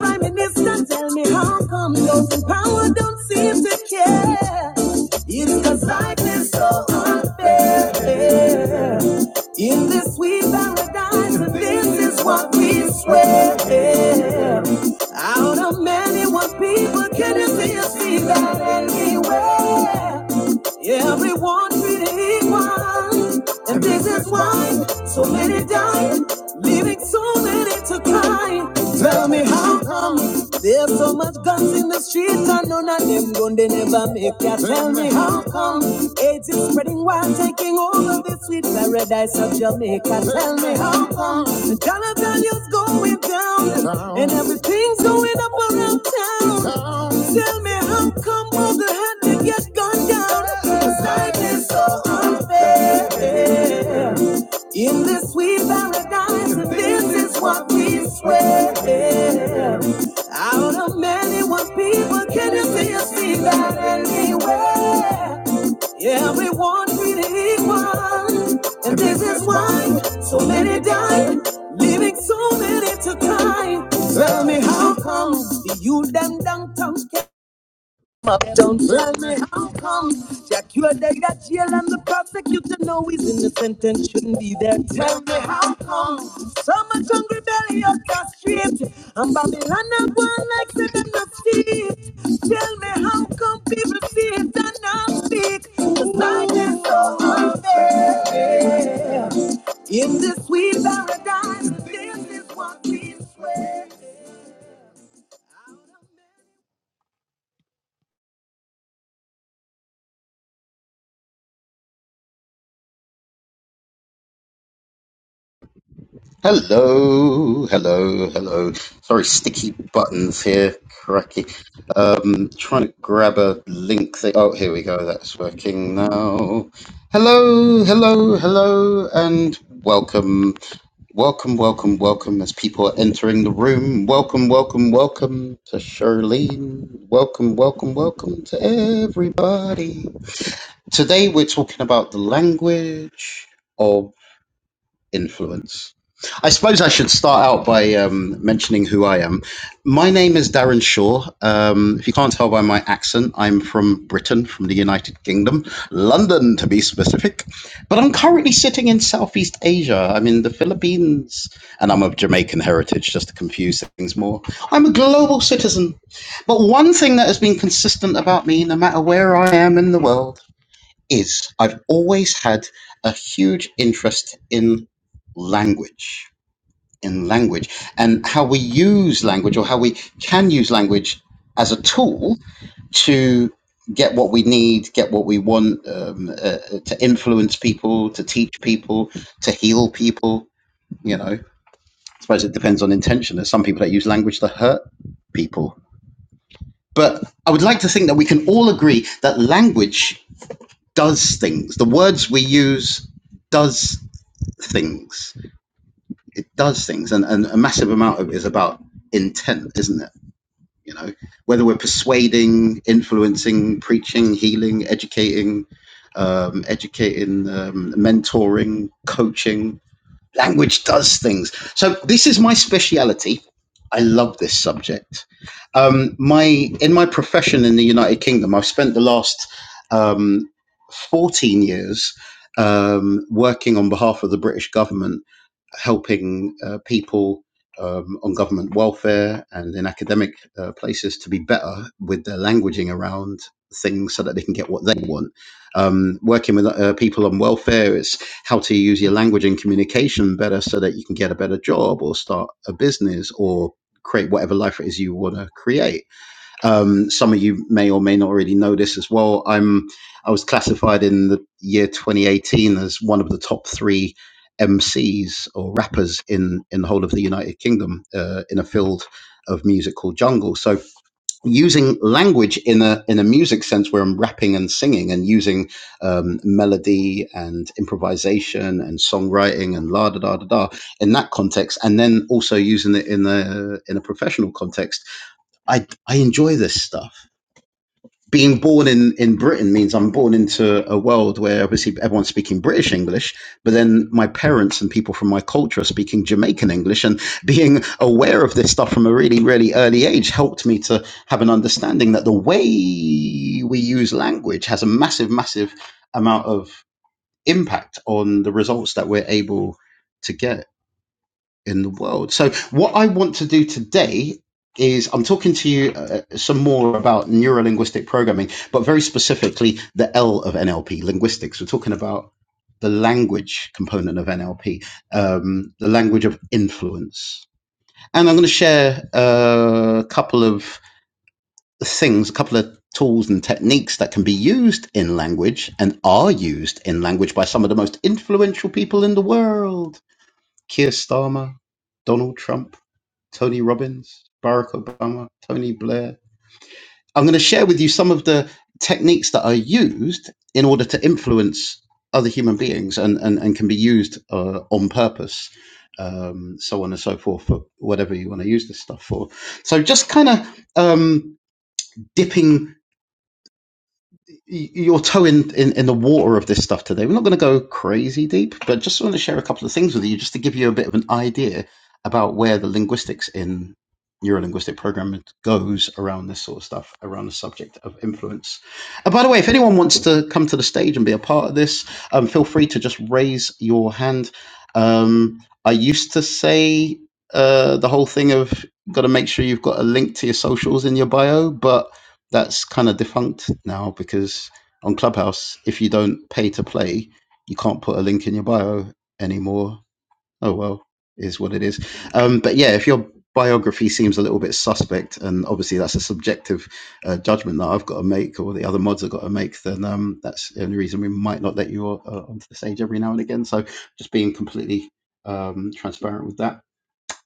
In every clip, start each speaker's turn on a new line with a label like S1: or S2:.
S1: Prime Minister, tell me how come those in power don't seem to care? It's 'cause life is so unfair. In this sweet paradise, and this is what we swear. Out of many, what people can you see a sea that anywhere? Everyone treated equal, and this is why so many died, leaving so many to cry. Tell me how come there's so much guns in the streets? and none of them gun they never make ya. Tell me how come AIDS is spreading while taking over the sweet paradise of Jamaica. Tell me how come the dollar value's going down and everything's going up around town. Tell me how come all the hand to get gone down? This Life is so unfair. In this sweet paradise, this is what we swear. Out of many one people, can you see us see that anywhere? Everyone treated equal, and this is why so many die, leaving so many to cry. Tell me how come the you them downtown can't up, don't tell me how come. Jack, you are the got jail and the prosecutor know he's innocent and shouldn't be there. Tell me how come. So much hungry belly up the street. And Babylon and one like said them not feet. Tell me how come people see it and not speak. The silence so unfair. In this sweet paradise, this is what we swear.
S2: Hello, hello, hello. Sorry, sticky buttons here. Cracky. Um, trying to grab a link. Thing. Oh, here we go. That's working now. Hello, hello, hello, and welcome, welcome, welcome, welcome. As people are entering the room, welcome, welcome, welcome to Charlene. Welcome, welcome, welcome to everybody. Today we're talking about the language. of influence. I suppose I should start out by um, mentioning who I am. My name is Darren Shaw. Um, if you can't tell by my accent, I'm from Britain, from the United Kingdom, London to be specific. But I'm currently sitting in Southeast Asia. I'm in the Philippines, and I'm of Jamaican heritage, just to confuse things more. I'm a global citizen. But one thing that has been consistent about me, no matter where I am in the world, is I've always had a huge interest in language, in language, and how we use language or how we can use language as a tool to get what we need, get what we want, um, uh, uh, to influence people, to teach people, to heal people. You know, I suppose it depends on intention. There's some people that use language to hurt people. But I would like to think that we can all agree that language does things. The words we use does things. It does things, and, and a massive amount of it is about intent, isn't it? You know, whether we're persuading, influencing, preaching, healing, educating, um, educating, um, mentoring, coaching, language does things. So this is my speciality. I love this subject. Um, my in my profession in the United Kingdom, I've spent the last um, 14 years um, working on behalf of the British government helping uh, people um, on government welfare and in academic uh, places to be better with their languaging around things so that they can get what they want. Um, working with uh, people on welfare is how to use your language and communication better so that you can get a better job or start a business or create whatever life it is you want to create um, some of you may or may not already know this as well. I'm I was classified in the year 2018 as one of the top three MCs or rappers in in the whole of the United Kingdom uh, in a field of music called jungle. So using language in a in a music sense where I'm rapping and singing and using um, melody and improvisation and songwriting and la da da da da in that context, and then also using it in a in a professional context I I enjoy this stuff. Being born in, in Britain means I'm born into a world where obviously everyone's speaking British English, but then my parents and people from my culture are speaking Jamaican English. And being aware of this stuff from a really, really early age helped me to have an understanding that the way we use language has a massive, massive amount of impact on the results that we're able to get in the world. So, what I want to do today is I'm talking to you uh, some more about neurolinguistic programming, but very specifically the L of NLP, linguistics. We're talking about the language component of NLP, um, the language of influence. And I'm going to share uh, a couple of things, a couple of tools and techniques that can be used in language and are used in language by some of the most influential people in the world Keir Starmer, Donald Trump. Tony Robbins, Barack Obama, Tony Blair. I'm going to share with you some of the techniques that are used in order to influence other human beings and, and, and can be used uh, on purpose, um, so on and so forth, for whatever you want to use this stuff for. So, just kind of um, dipping y- your toe in, in, in the water of this stuff today. We're not going to go crazy deep, but just want to share a couple of things with you just to give you a bit of an idea about where the linguistics in neurolinguistic programming goes around this sort of stuff, around the subject of influence. And by the way, if anyone wants to come to the stage and be a part of this, um, feel free to just raise your hand. Um, I used to say uh, the whole thing of got to make sure you've got a link to your socials in your bio, but that's kind of defunct now because on Clubhouse, if you don't pay to play, you can't put a link in your bio anymore. Oh well, is what it is. Um, but yeah, if your biography seems a little bit suspect, and obviously that's a subjective uh, judgment that I've got to make, or the other mods have got to make, then um, that's the only reason we might not let you uh, onto the stage every now and again. So just being completely um, transparent with that.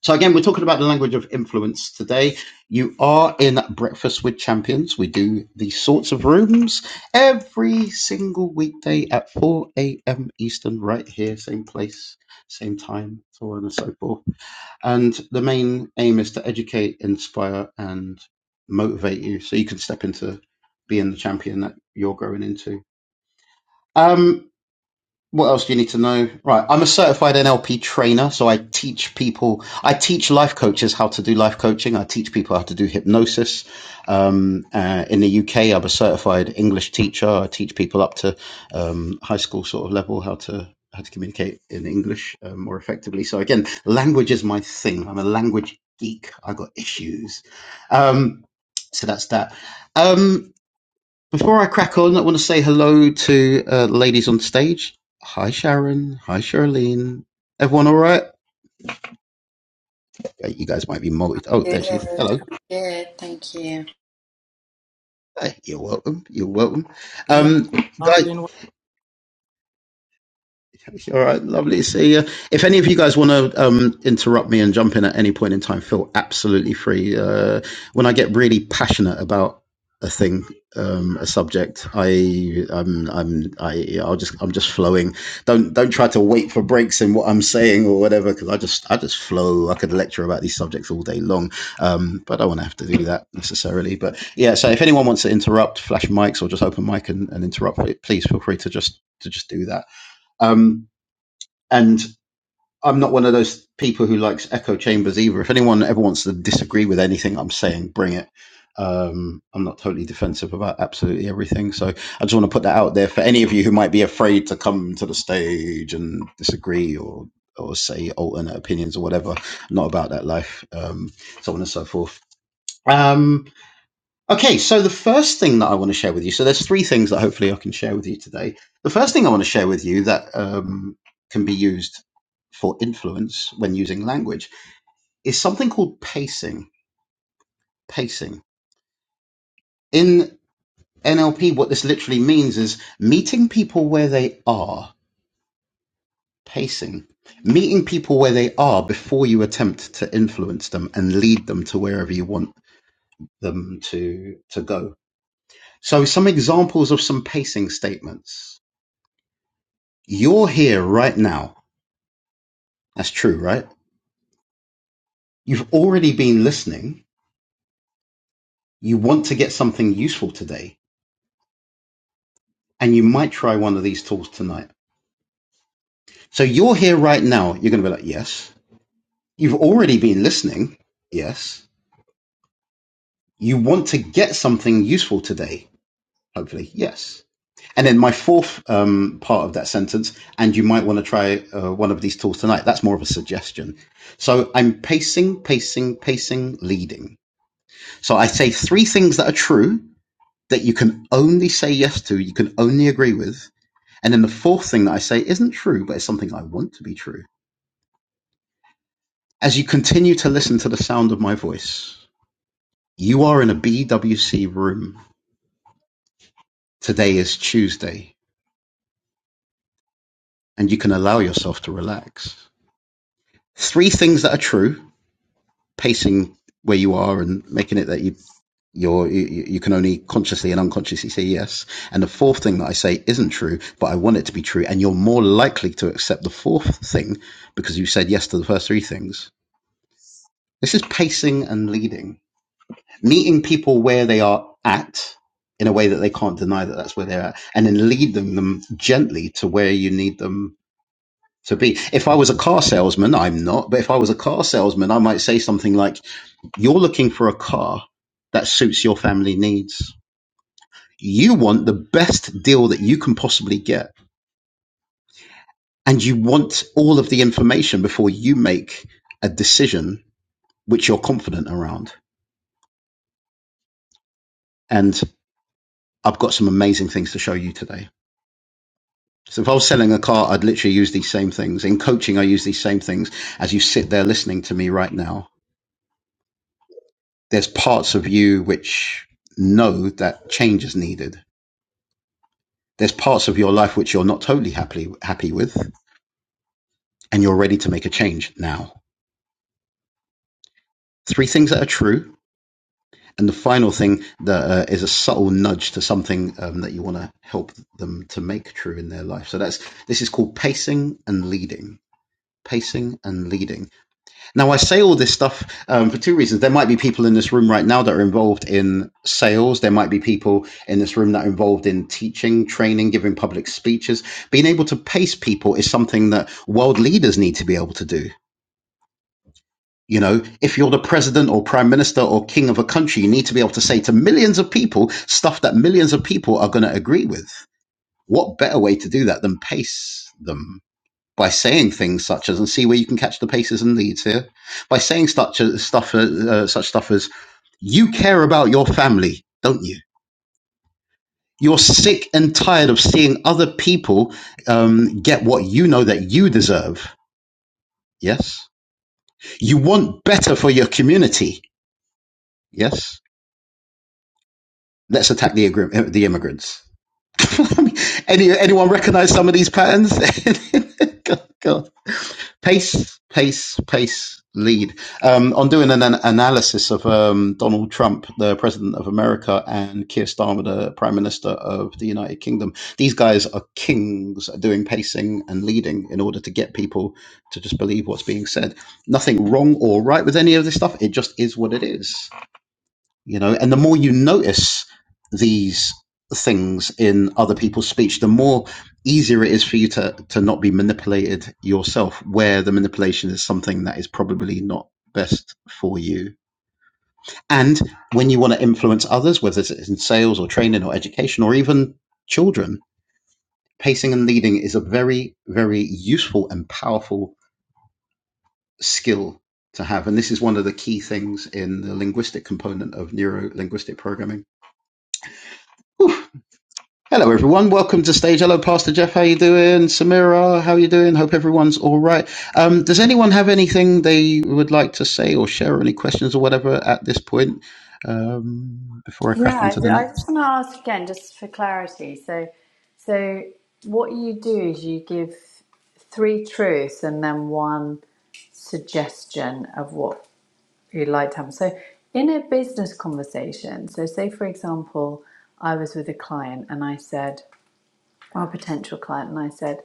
S2: So again, we're talking about the language of influence today. You are in Breakfast with Champions. We do these sorts of rooms every single weekday at 4 a.m. Eastern, right here, same place, same time, so on and so forth. And the main aim is to educate, inspire, and motivate you so you can step into being the champion that you're growing into. Um, what else do you need to know? Right, I'm a certified NLP trainer, so I teach people, I teach life coaches how to do life coaching. I teach people how to do hypnosis. Um, uh, in the UK, I'm a certified English teacher. I teach people up to um, high school sort of level how to how to communicate in English um, more effectively. So again, language is my thing. I'm a language geek. I got issues. Um, so that's that. Um, before I crack on, I want to say hello to uh, the ladies on stage. Hi, Sharon. Hi, Charlene. Everyone all right? Uh, You guys might be multi. Oh, there
S3: Good.
S2: she is.
S3: I'm
S2: Hello.
S3: Good. Thank you.
S2: Hey, you're welcome. You're welcome. Um, guys, All right, lovely to see you. If any of you guys want to um, interrupt me and jump in at any point in time, feel absolutely free. Uh, when I get really passionate about a thing, um, a subject, I, I'm, I'm, I, I'll just, I'm just flowing. Don't, don't try to wait for breaks in what I'm saying or whatever, because I just, I just flow. I could lecture about these subjects all day long, um, but I don't want to have to do that necessarily. But yeah, so if anyone wants to interrupt, flash mics or just open mic and, and interrupt, please feel free to just, to just do that. Um, and I'm not one of those people who likes echo chambers either. If anyone ever wants to disagree with anything I'm saying, bring it. Um, I'm not totally defensive about absolutely everything. So I just want to put that out there for any of you who might be afraid to come to the stage and disagree or or say alternate opinions or whatever. I'm not about that life, um, so on and so forth. Um, Okay, so the first thing that I want to share with you, so there's three things that hopefully I can share with you today. The first thing I want to share with you that um, can be used for influence when using language is something called pacing. Pacing. In NLP, what this literally means is meeting people where they are, pacing. Meeting people where they are before you attempt to influence them and lead them to wherever you want them to, to go. So some examples of some pacing statements. You're here right now. That's true, right? You've already been listening. You want to get something useful today, and you might try one of these tools tonight. So you're here right now. You're going to be like, yes. You've already been listening. Yes. You want to get something useful today. Hopefully, yes. And then my fourth um, part of that sentence, and you might want to try uh, one of these tools tonight. That's more of a suggestion. So I'm pacing, pacing, pacing, leading. So I say three things that are true that you can only say yes to, you can only agree with. And then the fourth thing that I say isn't true, but it's something I want to be true. As you continue to listen to the sound of my voice, you are in a BWC room. Today is Tuesday, and you can allow yourself to relax. Three things that are true, pacing where you are and making it that you You're, you you can only consciously and unconsciously say yes. And the fourth thing that I say isn't true, but I want it to be true. And you're more likely to accept the fourth thing because you said yes to the first three things. This is pacing and leading, meeting people where they are at in a way that they can't deny that that's where they're at, and then lead them, them gently to where you need them to be. If I was a car salesman, I'm not, but if I was a car salesman, I might say something like, You're looking for a car that suits your family needs you want the best deal that you can possibly get and you want all of the information before you make a decision which you're confident around and i've got some amazing things to show you today so if i was selling a car i'd literally use these same things in coaching i use these same things as you sit there listening to me right now there's parts of you which know that change is needed there's parts of your life which you're not totally happy happy with and you're ready to make a change now three things that are true And the final thing that uh, is a subtle nudge to something um, that you want to help them to make true in their life. So that's this is called pacing and leading. Pacing and leading. Now, I say all this stuff um, for two reasons. There might be people in this room right now that are involved in sales. There might be people in this room that are involved in teaching, training, giving public speeches. Being able to pace people is something that world leaders need to be able to do. You know, if you're the president or prime minister or king of a country, you need to be able to say to millions of people stuff that millions of people are going to agree with. What better way to do that than pace them by saying things such as, and see where you can catch the paces and leads here, by saying such as, stuff, uh, uh, such stuff as, you care about your family, don't you? You're sick and tired of seeing other people um, get what you know that you deserve. Yes. You want better for your community. Yes Let's attack the agri- the immigrants. I mean, Any anyone recognize some of these patterns? God, God. Pace, pace, pace, lead. Um, on doing an, an analysis of um, Donald Trump, the president of America, and Keir Starmer, the prime minister of the United Kingdom, these guys are kings at doing pacing and leading in order to get people to just believe what's being said. Nothing wrong or right with any of this stuff. It just is what it is you know and the more you notice these things in other people's speech the more easier it is for you to to not be manipulated yourself where the manipulation is something that is probably not best for you and when you want to influence others whether it's in sales or training or education or even children pacing and leading is a very very useful and powerful skill to have and this is one of the key things in the linguistic component of neuro linguistic programming Whew. Hello, everyone. Welcome to stage. Hello, Pastor Jeff. How you doing? Samira, how you doing? Hope everyone's all right. Um, does anyone have anything they would like to say or share, or any questions or whatever at this point um, before I crack
S3: Yeah,
S2: on
S3: I
S2: to the
S3: ju- I
S2: next?
S3: just want to ask again, just for clarity. So, so what you do is you give three truths and then one suggestion of what you'd like to happen. So, in a business conversation, so say for example, I was with a client and I said. our potential client, and I said,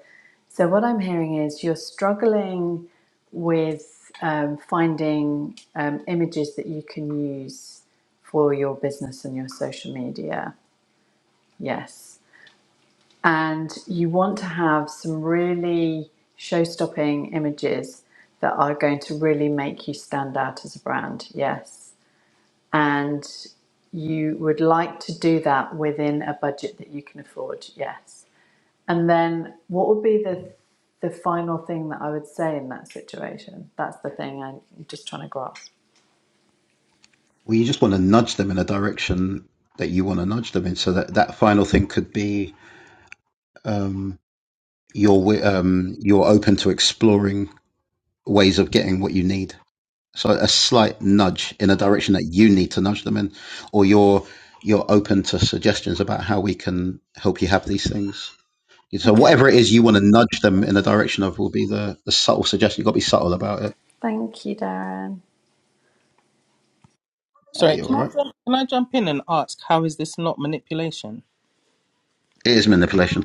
S3: So, what I'm hearing is you're struggling with um, finding um, images that you can use for your business and your social media. Yes. And you want to have some really show stopping images that are going to really make you stand out as a brand. Yes. And you would like to do that within a budget that you can afford. Yes and then what would be the the final thing that I would say in that situation? That's the thing I'm just trying to grasp.
S2: Well, you just want to nudge them in a direction that you want to nudge them in, so that that final thing could be um, you're wi- um, you're open to exploring ways of getting what you need. So a slight nudge in a direction that you need to nudge them in, or you're you're open to suggestions about how we can help you have these things. So
S3: Okay.
S2: whatever it is you want to nudge them in the direction of will be the, the subtle suggestion. You've got to be subtle about it.
S3: Thank you, Darren.
S2: Yeah, you're all right. It is manipulation.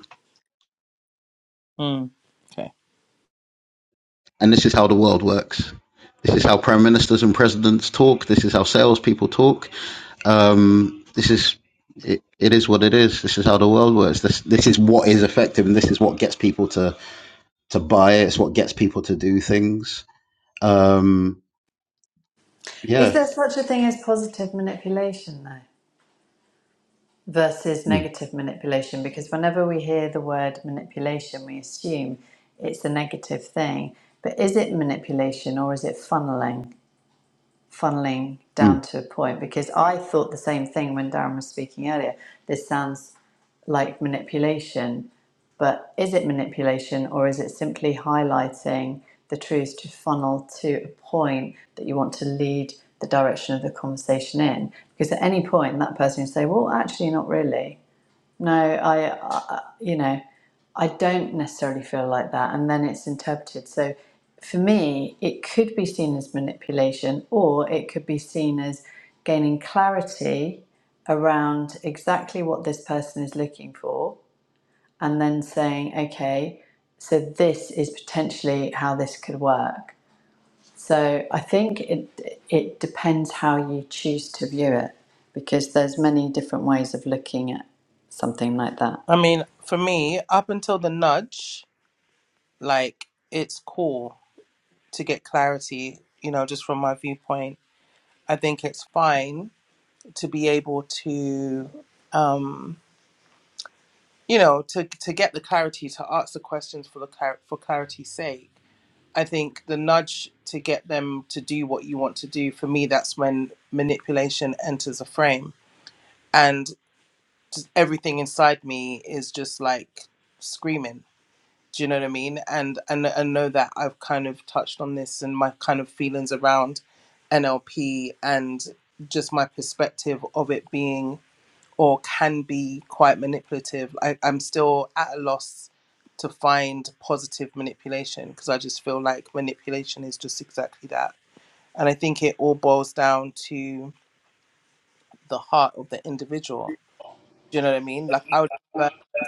S2: And this is how the world works. This is how prime ministers and presidents talk. This is how salespeople talk. Um, this is it, it is what it is. This is how the world works. This this is what is effective and this is what gets people to to buy it. It's what gets people to do things. Um,
S3: Is
S2: yeah.
S3: there such a thing as positive manipulation though? Versus
S2: Mm,
S3: negative manipulation, because whenever we hear the word manipulation, we assume it's a negative thing. But is it manipulation or is it funneling? funneling
S2: mm.
S3: down to a point because I thought the same thing when Darren was speaking earlier. This sounds like manipulation, but is it manipulation or is it simply highlighting the truth to funnel to a point that you want to lead the direction of the conversation in? Because at any point, that person can say, Well, actually, not really. No, I, I, you know, I don't necessarily feel like that, and then it's interpreted. So for me, it could be seen as manipulation, or it could be seen as gaining clarity around exactly what this person is looking for, and then saying, okay, so this is potentially how this could work. So I think it it depends how you choose to view it, because there's many different ways of looking at something like that.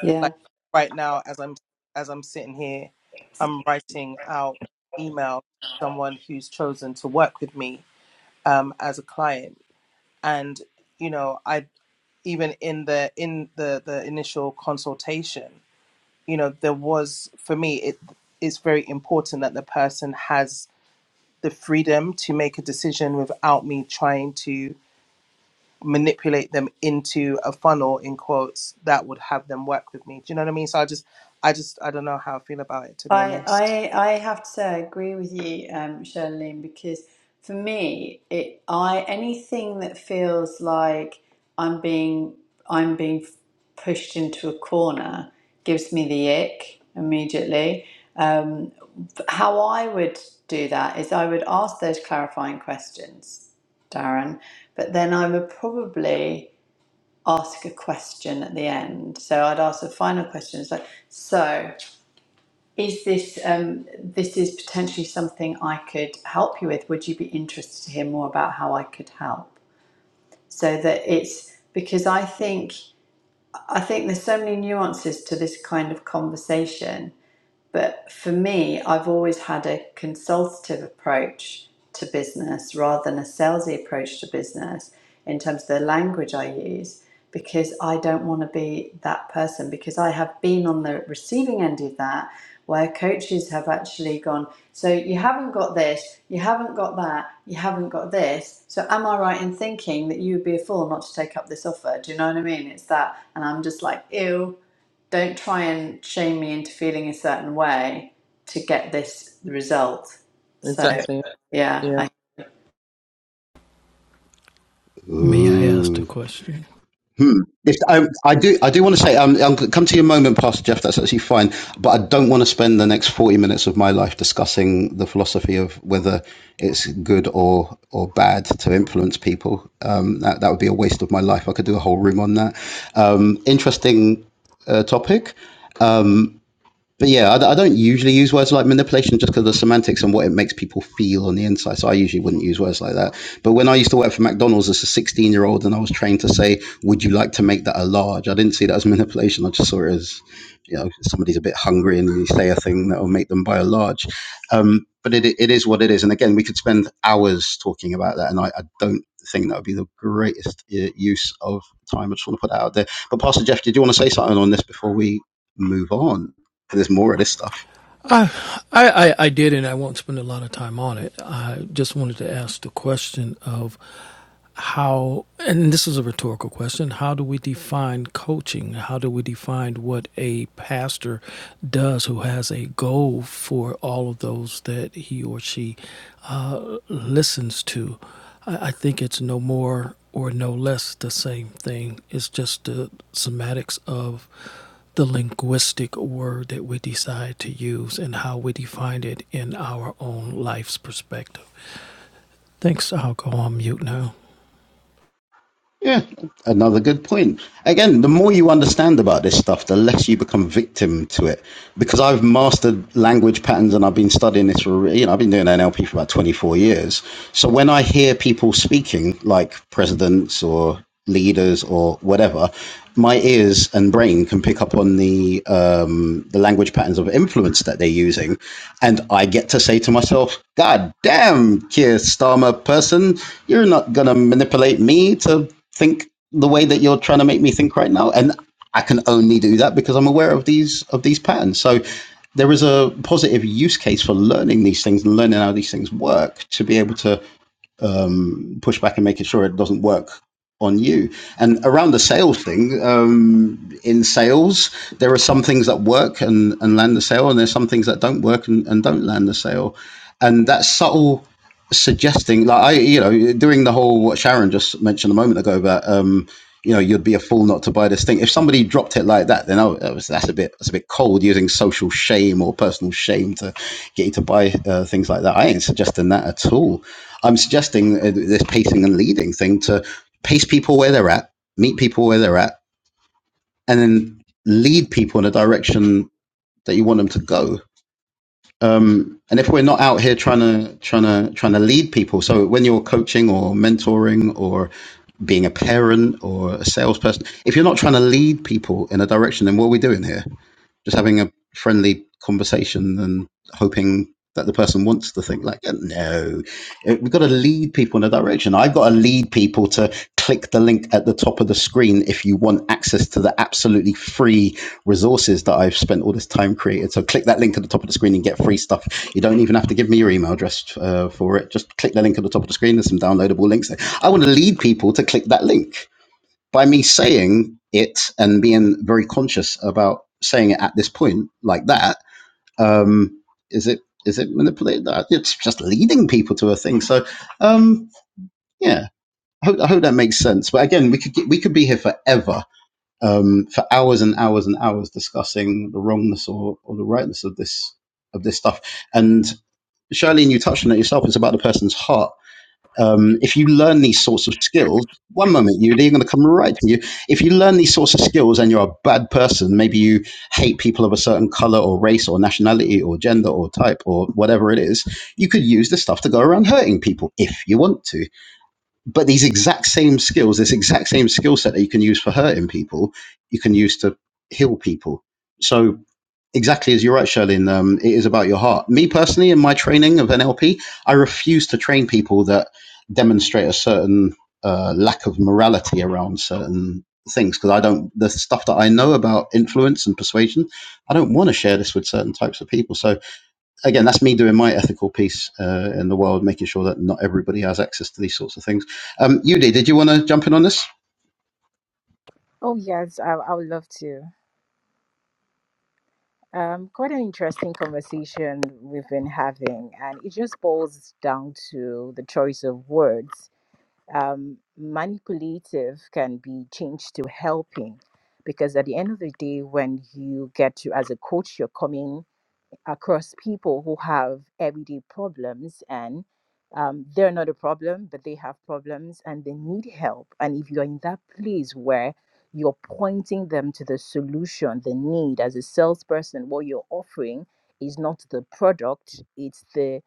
S3: Yeah, I, I, I have to say I agree with you, um, Charlene, because for me, it, I anything that feels like I'm being, I'm being pushed into a corner gives me the ick immediately. Um, how I would do that is I would ask those clarifying questions, Darren, but then I would probably ask a question at the end. So I'd ask a final question. It's like, so. Is this um, this is potentially something I could help you with? Would you be interested to hear more about how I could help? So that it's because I think I think there's so many nuances to this kind of conversation but for me, I've always had a consultative approach to business rather than a salesy approach to business in terms of the language I use because I don't want to be that person because I have been on the receiving end of that where coaches have actually gone, so you haven't got this, you haven't got that, you haven't got this. So am I right in thinking that you would be a fool not to take up this offer? Do you know what I mean? It's that and I'm just like, ew don't try and shame me into feeling a certain way to get this result. So yeah, I
S4: May I ask a question?
S2: Hmm. If I, I do, I do want to say, um, I'll come to your moment, Pastor Jeff. That's actually fine, but I don't want to spend the next forty minutes of my life discussing the philosophy of whether it's good or or bad to influence people. Um, that that would be a waste of my life. I could do a whole room on that. Um, interesting uh, topic. but yeah, I d- I don't usually use words like manipulation just because of the semantics and what it makes people feel on the inside. So I usually wouldn't use words like that. But when I used to work for McDonald's as a 16 year old and I was trained to say, would you like to make that a large? I didn't see that as manipulation. I just saw it as, you know, somebody's a bit hungry and you say a thing that will make them buy a large. Um, but it, it is what it is. And again, we could spend hours talking about that. And I, I don't think that would be the greatest uh, use of time. I just want to put that out there. But Pastor Jeff, did you want to say something on this before we move on? And there's more of this stuff.
S4: I, I, I did, and I won't spend a lot of time on it. I just wanted to ask the question of how, and this is a rhetorical question how do we define coaching? How do we define what a pastor does who has a goal for all of those that he or she uh, listens to? I, I think it's no more or no less the same thing. It's just the semantics of the linguistic word that we decide to use and how we define it in our own life's perspective. Thanks. I'll go on mute now.
S2: Yeah, another good point. Again, the more you understand about this stuff, the less you become victim to it. Because I've mastered language patterns and I've been studying this for, you know, I've been doing NLP for about 24 years. So when I hear people speaking, like presidents or leaders or whatever, my ears and brain can pick up on the um, the language patterns of influence that they're using, and I get to say to myself, God damn, Keir Starmer person, you're not going to manipulate me to think the way that you're trying to make me think right now. And I can only do that because I'm aware of these of these patterns. So there is a positive use case for learning these things and learning how these things work to be able to um, pushback and making sure it doesn't work on you. And around the sales thing, um, in sales, there are some things that work and, and land the sale, and there's some things that don't work and, and don't land the sale. And that subtle suggesting, like I, you know, doing the whole what Sharon just mentioned a moment ago about, um, you know, you'd be a fool not to buy this thing. If somebody dropped it like that, then oh, that was, that's a bit that's a bit cold using social shame or personal shame to get you to buy uh, things like that. I ain't suggesting that at all. I'm suggesting uh, this pacing and leading thing to pace people where they're at, meet people where they're at, and then lead people in a direction that you want them to go. Um, and if we're not out here trying to trying to trying to lead people, so when you're coaching or mentoring or being a parent or a salesperson, if you're not trying to lead people in a direction, then what are we doing here? just having a friendly conversation and hoping that the person wants the thing. Like, uh, no, we've got to lead people in a direction. I've got to lead people to click the link at the top of the screen if you want access to the absolutely free resources that I've spent all this time created. So click that link at the top of the screen and get free stuff. You don't even have to give me your email address uh, for it. Just click the link at the top of the screen. There's some downloadable links. there. I want to lead people to click that link by me saying it and being very conscious about saying it at this point like that um is it is it manipulated Uh, it's just leading people to a thing so um yeah I hope, I hope that makes sense but again we could get, we could be here forever um for hours and hours and hours discussing the wrongness or, or the rightness of this of this stuff and Charlene, you touched on it yourself. It's about the person's heart um, if you learn these sorts of skills, one moment you they're going to come right to you. If you learn these sorts of skills and you're a bad person, maybe you hate people of a certain color or race or nationality or gender or type or whatever it is, you could use this stuff to go around hurting people if you want to. But these exact same skills, this exact same skill set that you can use for hurting people, you can use to heal people. So exactly as you're right, Charlene. Um, it is about your heart. Me personally, in my training of NLP, I refuse to train people that demonstrate a certain uh, lack of morality around certain things because I don't the stuff that I know about influence and persuasion. I don't want to share this with certain types of people. So again, that's me doing my ethical piece uh, in the world, making sure that not everybody has access to these sorts of things. Um, Yudi, did you want to jump in on this?
S5: Oh, yes, I, I would love to. Um, quite an interesting conversation we've been having, and it just boils down to the choice of words. Um, manipulative can be changed to helping because at the end of the day, when you get to, as a coach, you're coming across people who have everyday problems and um, they're not a problem, but they have problems and they need help. And if you're in that place where you're pointing them to the solution, the need as a salesperson, what you're offering is not the product, it's the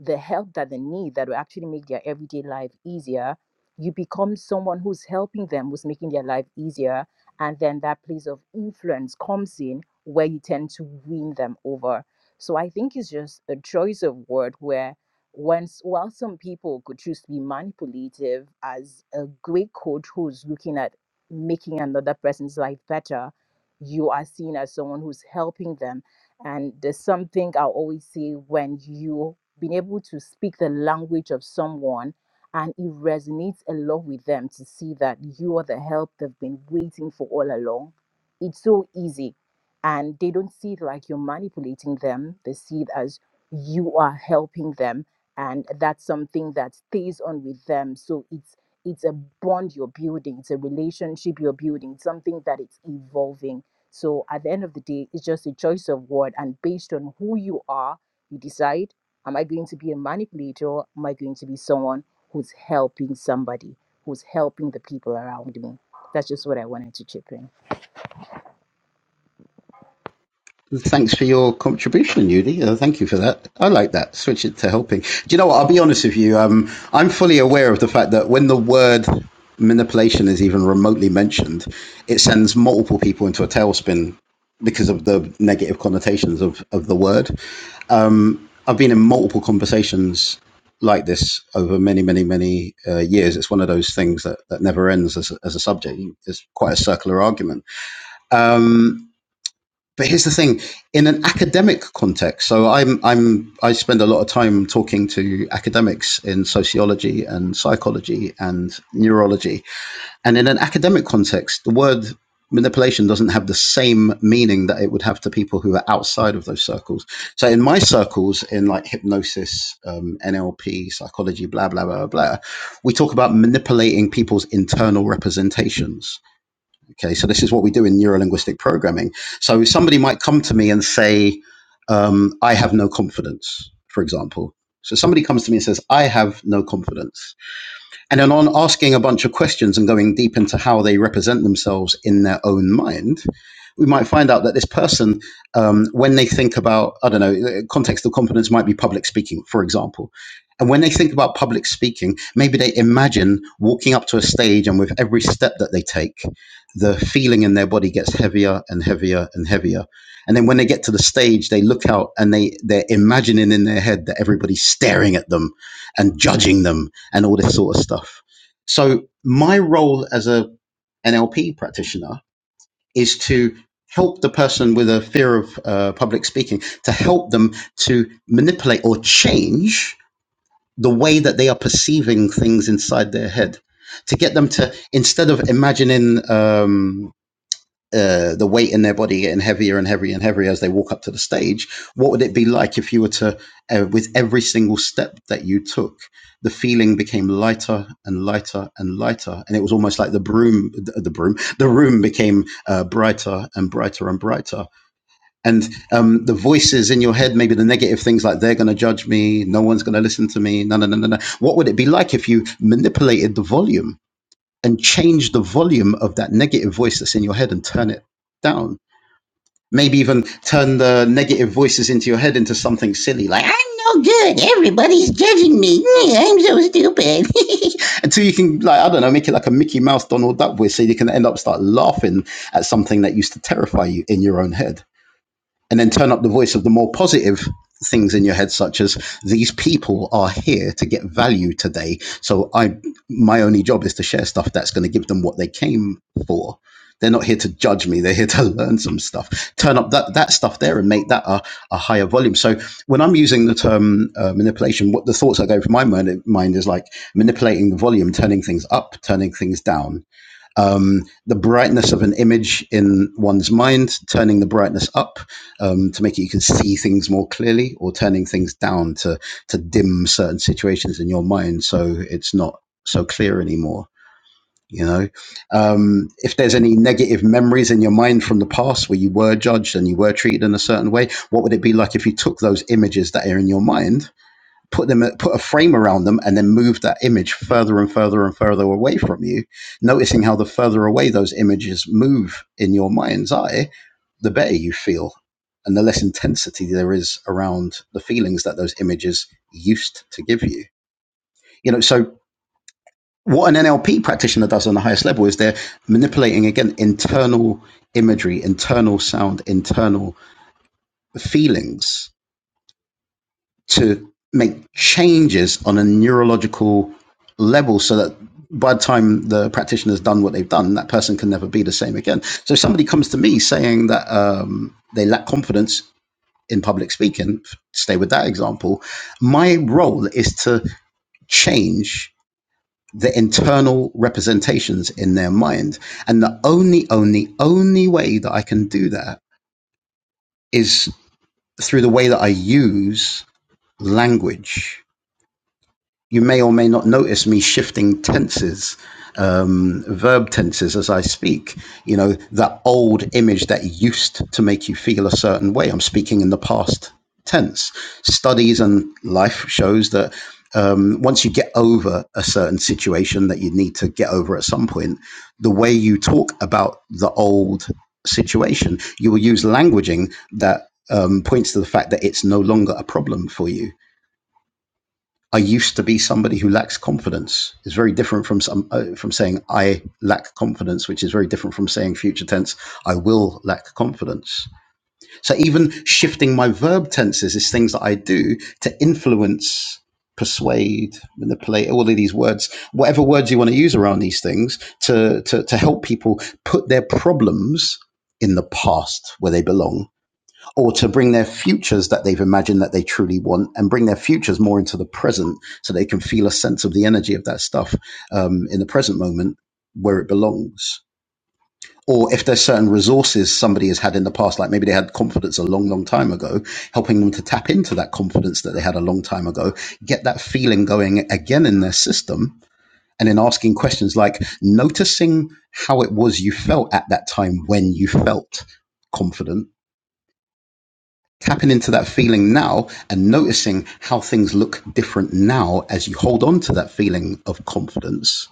S5: the help that they need that will actually make their everyday life easier. You become someone who's helping them, who's making their life easier. And then that place of influence comes in where you tend to win them over so I think it's just a choice of word where once while some people could choose to be manipulative as a great coach who's looking at making another person's life better, you are seen as someone who's helping them. And there's something I always say when you have been able to speak the language of someone and it resonates a lot with them to see that you are the help they've been waiting for all along. It's so easy and they don't see it like you're manipulating them they see it as you are helping them and that's something that stays on with them so it's it's a bond you're building it's a relationship you're building it's something that it's evolving so at the end of the day it's just a choice of word and based on who you are you decide am i going to be a manipulator am i going to be someone who's helping somebody who's helping the people around me that's just what i wanted to chip in
S2: Thanks for your contribution, Yudi. Uh, thank you for that. I like that. Switch it to helping. Do you know what? I'll be honest with you. Um, I'm fully aware of the fact that when the word manipulation is even remotely mentioned, it sends multiple people into a tailspin because of the negative connotations of, of the word. I've been in multiple conversations like this over many, many, many uh, years. It's one of those things that, that never ends as, as a subject. It's quite a circular argument. Um, but here's the thing in an academic context so i'm i'm i spend a lot of time talking to academics in sociology and psychology and neurology and in an academic context the word manipulation doesn't have the same meaning that it would have to people who are outside of those circles so in my circles in like hypnosis um, nlp psychology blah blah blah blah we talk about manipulating people's internal representations Okay, so this is what we do in neurolinguistic programming. So somebody might come to me and say, um, I have no confidence, for example. So somebody comes to me and says, I have no confidence. And then on asking a bunch of questions and going deep into how they represent themselves in their own mind, we might find out that this person, um, when they think about, I don't know, the context of competence might be public speaking, for example. And when they think about public speaking, maybe they imagine walking up to a stage and with every step that they take, the feeling in their body gets heavier and heavier and heavier. And then when they get to the stage, they look out and they, they're imagining in their head that everybody's staring at them and judging them and all this sort of stuff. So my role as a NLP practitioner is to help the person with a fear of uh, public speaking to help them to manipulate or change the way that they are perceiving things inside their head to get them to instead of imagining um, uh, the weight in their body getting heavier and heavier and heavier as they walk up to the stage, what would it be like if you were to, uh, with every single step that you took, the feeling became lighter and lighter and lighter, and it was almost like the broom, the broom, the room became uh, brighter and brighter and brighter, and um, the voices in your head, maybe the negative things like they're going to judge me, no one's going to listen to me, no, no, no, no, no. What would it be like if you manipulated the volume? and change the volume of that negative voice that's in your head and turn it down. Maybe even turn the negative voices into your head into something silly, like, I'm no good. Everybody's judging me. Mm, I'm so stupid. Until you can, like, I don't know, make it like a Mickey Mouse Donald Duck voice so you can end up start laughing at something that used to terrify you in your own head and then turn up the voice of the more positive things in your head such as these people are here to get value today so i my only job is to share stuff that's going to give them what they came for they're not here to judge me they're here to learn some stuff turn up that that stuff there and make that a, a higher volume so when i'm using the term uh, manipulation what the thoughts that go through my mind, mind is like manipulating the volume turning things up turning things down um, the brightness of an image in one's mind, turning the brightness up um, to make it you can see things more clearly, or turning things down to to dim certain situations in your mind so it's not so clear anymore. You know, um, if there's any negative memories in your mind from the past where you were judged and you were treated in a certain way, what would it be like if you took those images that are in your mind put them put a frame around them and then move that image further and further and further away from you noticing how the further away those images move in your mind's eye the better you feel and the less intensity there is around the feelings that those images used to give you you know so what an NLP practitioner does on the highest level is they're manipulating again internal imagery internal sound internal feelings to make changes on a neurological level so that by the time the practitioner's done what they've done, that person can never be the same again. So if somebody comes to me saying that um, they lack confidence in public speaking, stay with that example, my role is to change the internal representations in their mind. And the only, only, only way that I can do that is through the way that I use language you may or may not notice me shifting tenses, um, verb tenses as I speak. You know, that old image that used to make you feel a certain way. I'm speaking in the past tense. Studies and life shows that um, once you get over a certain situation that you need to get over at some point, the way you talk about the old situation, you will use languaging that um, points to the fact that it's no longer a problem for you I used to be somebody who lacks confidence is very different from some uh, from saying I lack confidence, which is very different from saying future tense I will lack confidence. So even shifting my verb tenses is things that I do to influence, persuade, manipulate, all of these words, whatever words you want to use around these things, to to, to help people put their problems in the past where they belong or to bring their futures that they've imagined that they truly want and bring their futures more into the present so they can feel a sense of the energy of that stuff um, in the present moment where it belongs. Or if there's certain resources somebody has had in the past, like maybe they had confidence a long, long time ago, helping them to tap into that confidence that they had a long time ago, get that feeling going again in their system, and then asking questions like noticing how it was you felt at that time when you felt confident Tapping into that feeling now and noticing how things look different now as you hold on to that feeling of confidence.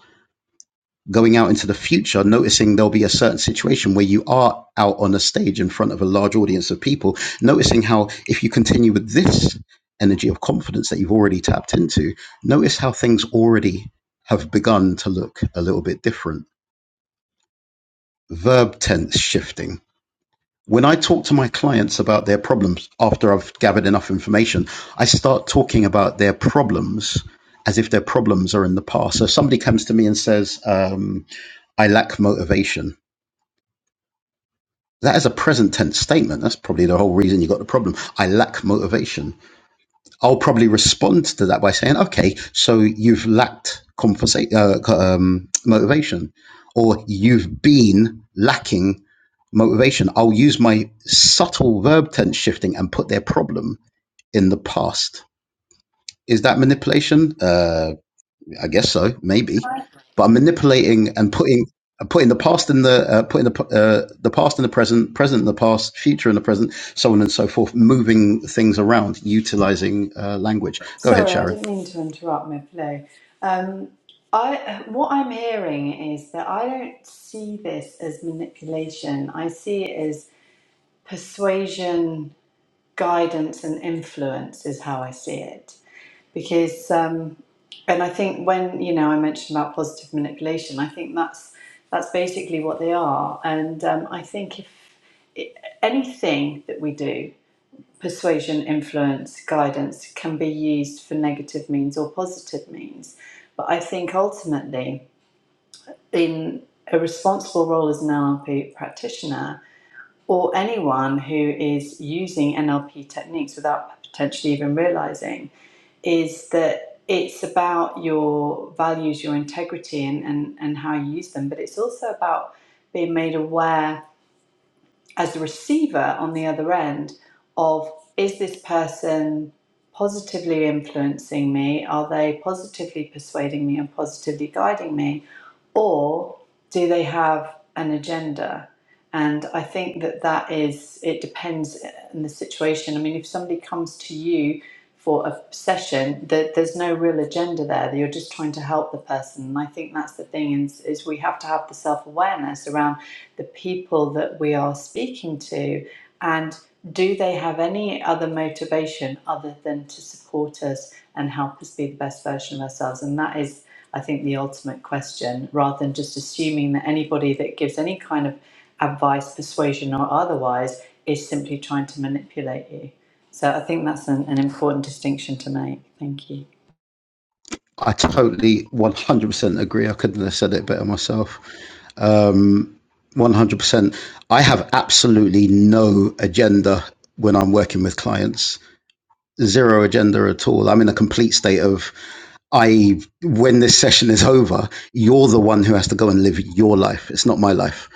S2: Going out into the future, noticing there'll be a certain situation where you are out on a stage in front of a large audience of people, noticing how if you continue with this energy of confidence that you've already tapped into, notice how things already have begun to look a little bit different. Verb tense shifting When I talk to my clients about their problems after I've gathered enough information, I start talking about their problems as if their problems are in the past. So if somebody comes to me and says, um, I lack motivation. That is a present tense statement. That's probably the whole reason you got the problem. I lack motivation I'll probably respond to that by saying, okay, so you've lacked compensa- uh, um, motivation, or you've been lacking motivation. I'll use my subtle verb tense shifting and put their problem in the past. Is that manipulation? Uh, I guess so, maybe. But I'm manipulating and putting I'm putting the past in the uh, putting the uh, the past in the present, present in the past, future in the present, so on and so forth, moving things around, utilizing uh, language. Go ahead,
S3: Sorry, I
S2: Sharon.
S3: didn't mean to interrupt my flow. Um, I what I'm hearing is that I don't see this as manipulation. I see it as persuasion guidance and influence is how I see it. Because, um, and I think when you know I mentioned about positive manipulation, I think that's that's basically what they are. And um, I think if it, anything that we do, persuasion, influence, guidance, can be used for negative means or positive means. But I think ultimately, in a responsible role as an NLP practitioner, or anyone who is using NLP techniques without potentially even realizing is that it's about your values, your integrity, and, and, and how you use them, but it's also about being made aware as the receiver on the other end of is this person positively influencing me? Are they positively persuading me and positively guiding me? Or do they have an agenda? And I think that that is, it depends on the situation. I mean, if somebody comes to you for a session, that there's no real agenda there, that you're just trying to help the person. And I think that's the thing is, is we have to have the self awareness around the people that we are speaking to and do they have any other motivation other than to support us and help us be the best version of ourselves and that is i think the ultimate question rather than just assuming that anybody that gives any kind of advice persuasion or otherwise is simply trying to manipulate you so i think that's an, an important distinction to make thank you
S2: I totally 100% agree. I couldn't have said it better myself. Um, 100%. I have absolutely no agenda when I'm working with clients. zero agenda at all. I'm in a complete state of I when this session is over, you're the one who has to go and live your life. It's not my life.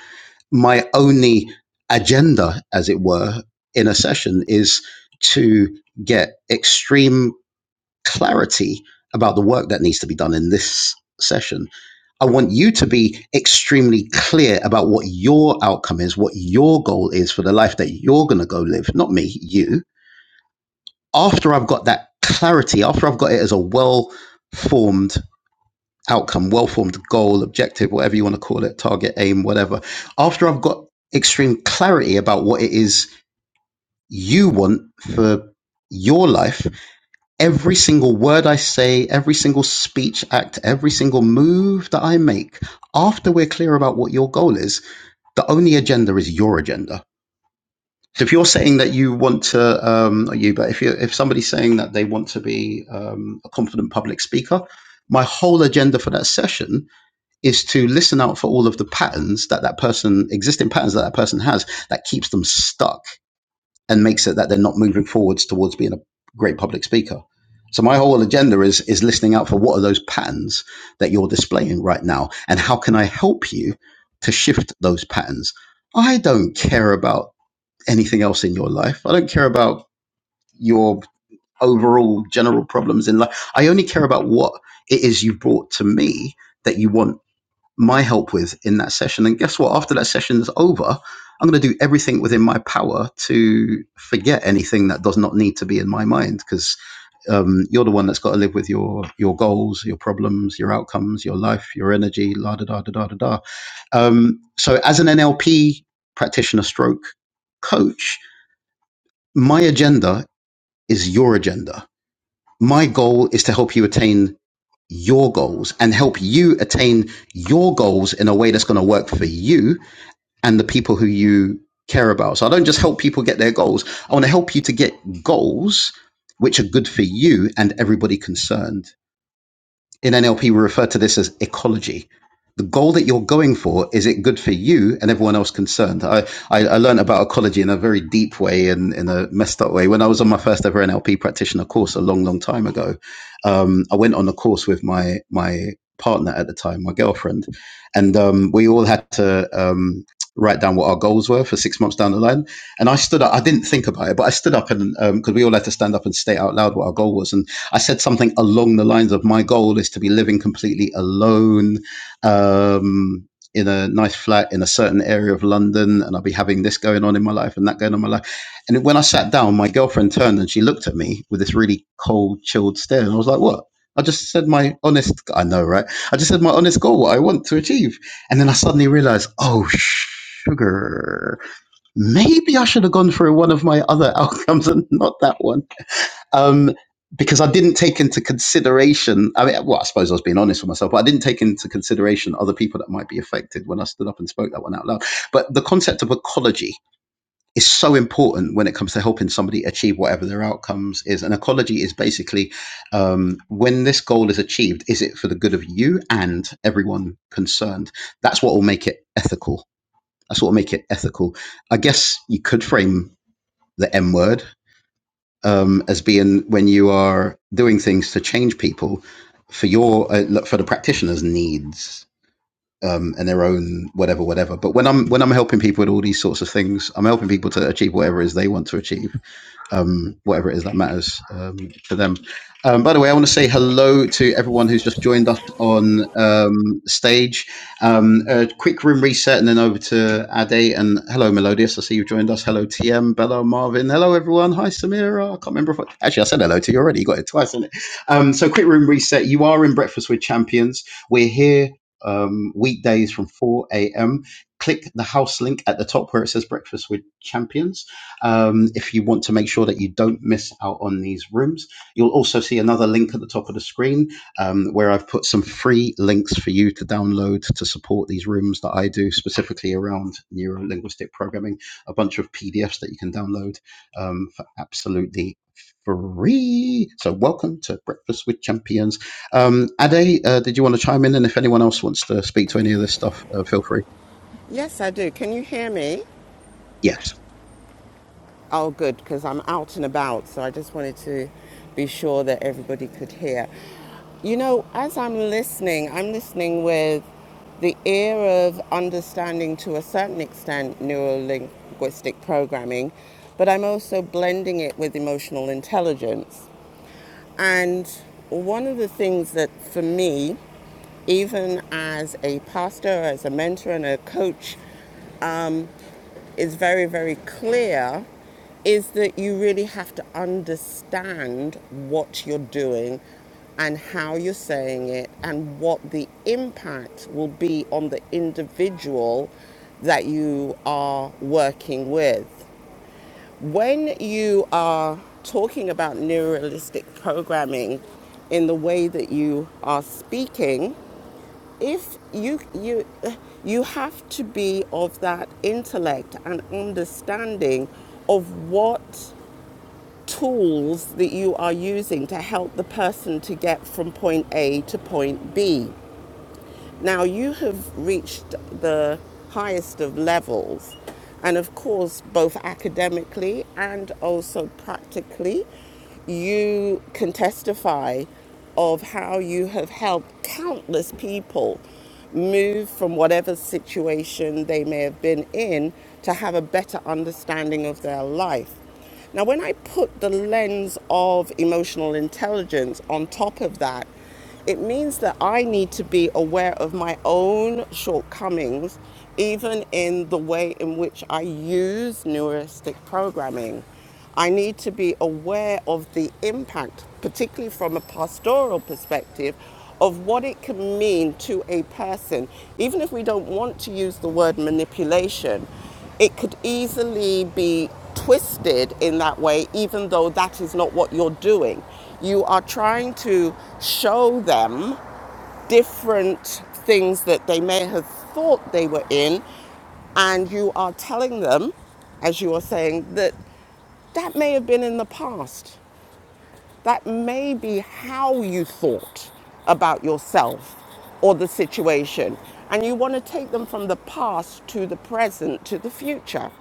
S2: My only agenda, as it were, in a session is to get extreme clarity about the work that needs to be done in this session. I want you to be extremely clear about what your outcome is, what your goal is for the life that you're going to go live, not me, you after I've got that clarity, after I've got it as a well formed outcome, well formed goal, objective, whatever you want to call it, target, aim, whatever, after I've got extreme clarity about what it is you want for your life, every single word I say, every single speech act, every single move that I make, after we're clear about what your goal is, the only agenda is your agenda So if you're saying that you want to, um, not you, but if you if somebody's saying that they want to be um, a confident public speaker, my whole agenda for that session is to listen out for all of the patterns that that person, existing patterns that that person has, that keeps them stuck and makes it that they're not moving forwards towards being a great public speaker. So my whole agenda is is listening out for what are those patterns that you're displaying right now, and how can I help you to shift those patterns? I don't care about anything else in your life. I don't care about your overall general problems in life. I only care about what it is you brought to me that you want my help with in that session. And guess what? After that session is over, I'm going to do everything within my power to forget anything that does not need to be in my mind because um, you're the one that's got to live with your your goals, your problems, your outcomes, your life, your energy, la da da da da da da. Um, so, as an NLP practitioner, stroke coach, my agenda is your agenda. My goal is to help you attain your goals and help you attain your goals in a way that's going to work for you and the people who you care about. So I don't just help people get their goals. I want to help you to get goals which are good for you and everybody concerned. In NLP, we refer to this as ecology. The goal that you're going for is it good for you and everyone else concerned? I, I, I learned about ecology in a very deep way and in a messed up way when I was on my first ever NLP practitioner course a long, long time ago. Um, I went on a course with my my partner at the time, my girlfriend, and um, we all had to um, write down what our goals were for six months down the line. And I stood up. I didn't think about it, but I stood up and because we all had to stand up and state out loud what our goal was. And I said something along the lines of my goal is to be living completely alone um, in a nice flat in a certain area of London, and I'll be having this going on in my life and that going on in my life. And when I sat down, my girlfriend turned and she looked at me with this really cold, chilled stare, and I was like, "What?" I just said my honest, I know, right? I just said my honest goal, what I want to achieve. And then I suddenly realized, oh, sugar, maybe I should have gone for one of my other outcomes and not that one um, because I didn't take into consideration. I mean, well, I suppose I was being honest with myself, but I didn't take into consideration other people that might be affected when I stood up and spoke that one out loud. But the concept of ecology is so important when it comes to helping somebody achieve whatever their outcomes is. And ecology is basically um, when this goal is achieved, is it for the good of you and everyone concerned? That's what will make it ethical. That's what will make it ethical. I guess you could frame the M word um, as being when you are doing things to change people for your uh, for the practitioner's needs um, and their own whatever whatever. But when I'm when I'm helping people with all these sorts of things, I'm helping people to achieve whatever it is they want to achieve um, whatever it is that matters um, for them. Um, by the way, I want to say hello to everyone who's just joined us on um, stage. Um, a quick room reset and then over to Ade. And hello, Melodious. I see you've joined us. Hello, TM, Bella, Marvin. Hello, everyone. Hi, Samira. I can't remember if I, actually I said hello to you already. You got it twice, didn't it? Um, so, quick room reset. You are in Breakfast with Champions. We're here. Um, weekdays from 4 a.m. Click the house link at the top where it says Breakfast with Champions um, if you want to make sure that you don't miss out on these rooms. You'll also see another link at the top of the screen um, where I've put some free links for you to download to support these rooms that I do specifically around neuro linguistic programming, a bunch of PDFs that you can download um, for absolutely free. So, welcome to Breakfast with Champions. Um, Ade, uh, did you want to chime in? And if anyone else wants to speak to any of this stuff, uh, feel free.
S6: Yes, I do. Can you hear me?
S2: Yes.
S6: Oh, good, because I'm out and about, so I just wanted to be sure that everybody could hear. You know, as I'm listening, I'm listening with the ear of understanding to a certain extent neuro linguistic programming, but I'm also blending it with emotional intelligence. And one of the things that for me, even as a pastor, as a mentor, and a coach, um, is very, very clear is that you really have to understand what you're doing and how you're saying it and what the impact will be on the individual that you are working with. When you are talking about neuralistic programming in the way that you are speaking, if you you you have to be of that intellect and understanding of what tools that you are using to help the person to get from point A to point B now, you have reached the highest of levels, and of course, both academically and also practically, you can testify of how you have helped countless people move from whatever situation they may have been in to have a better understanding of their life. Now, when I put the lens of emotional intelligence on top of that, it means that I need to be aware of my own shortcomings, even in the way in which I use neuristic programming. I need to be aware of the impact, particularly from a pastoral perspective, of what it can mean to a person, even if we don't want to use the word manipulation, it could easily be twisted in that way, even though that is not what you're doing. You are trying to show them different things that they may have thought they were in, and you are telling them, as you are saying, that that may have been in the past that may be how you thought about yourself or the situation. And you want to take them from the past to the present to the future.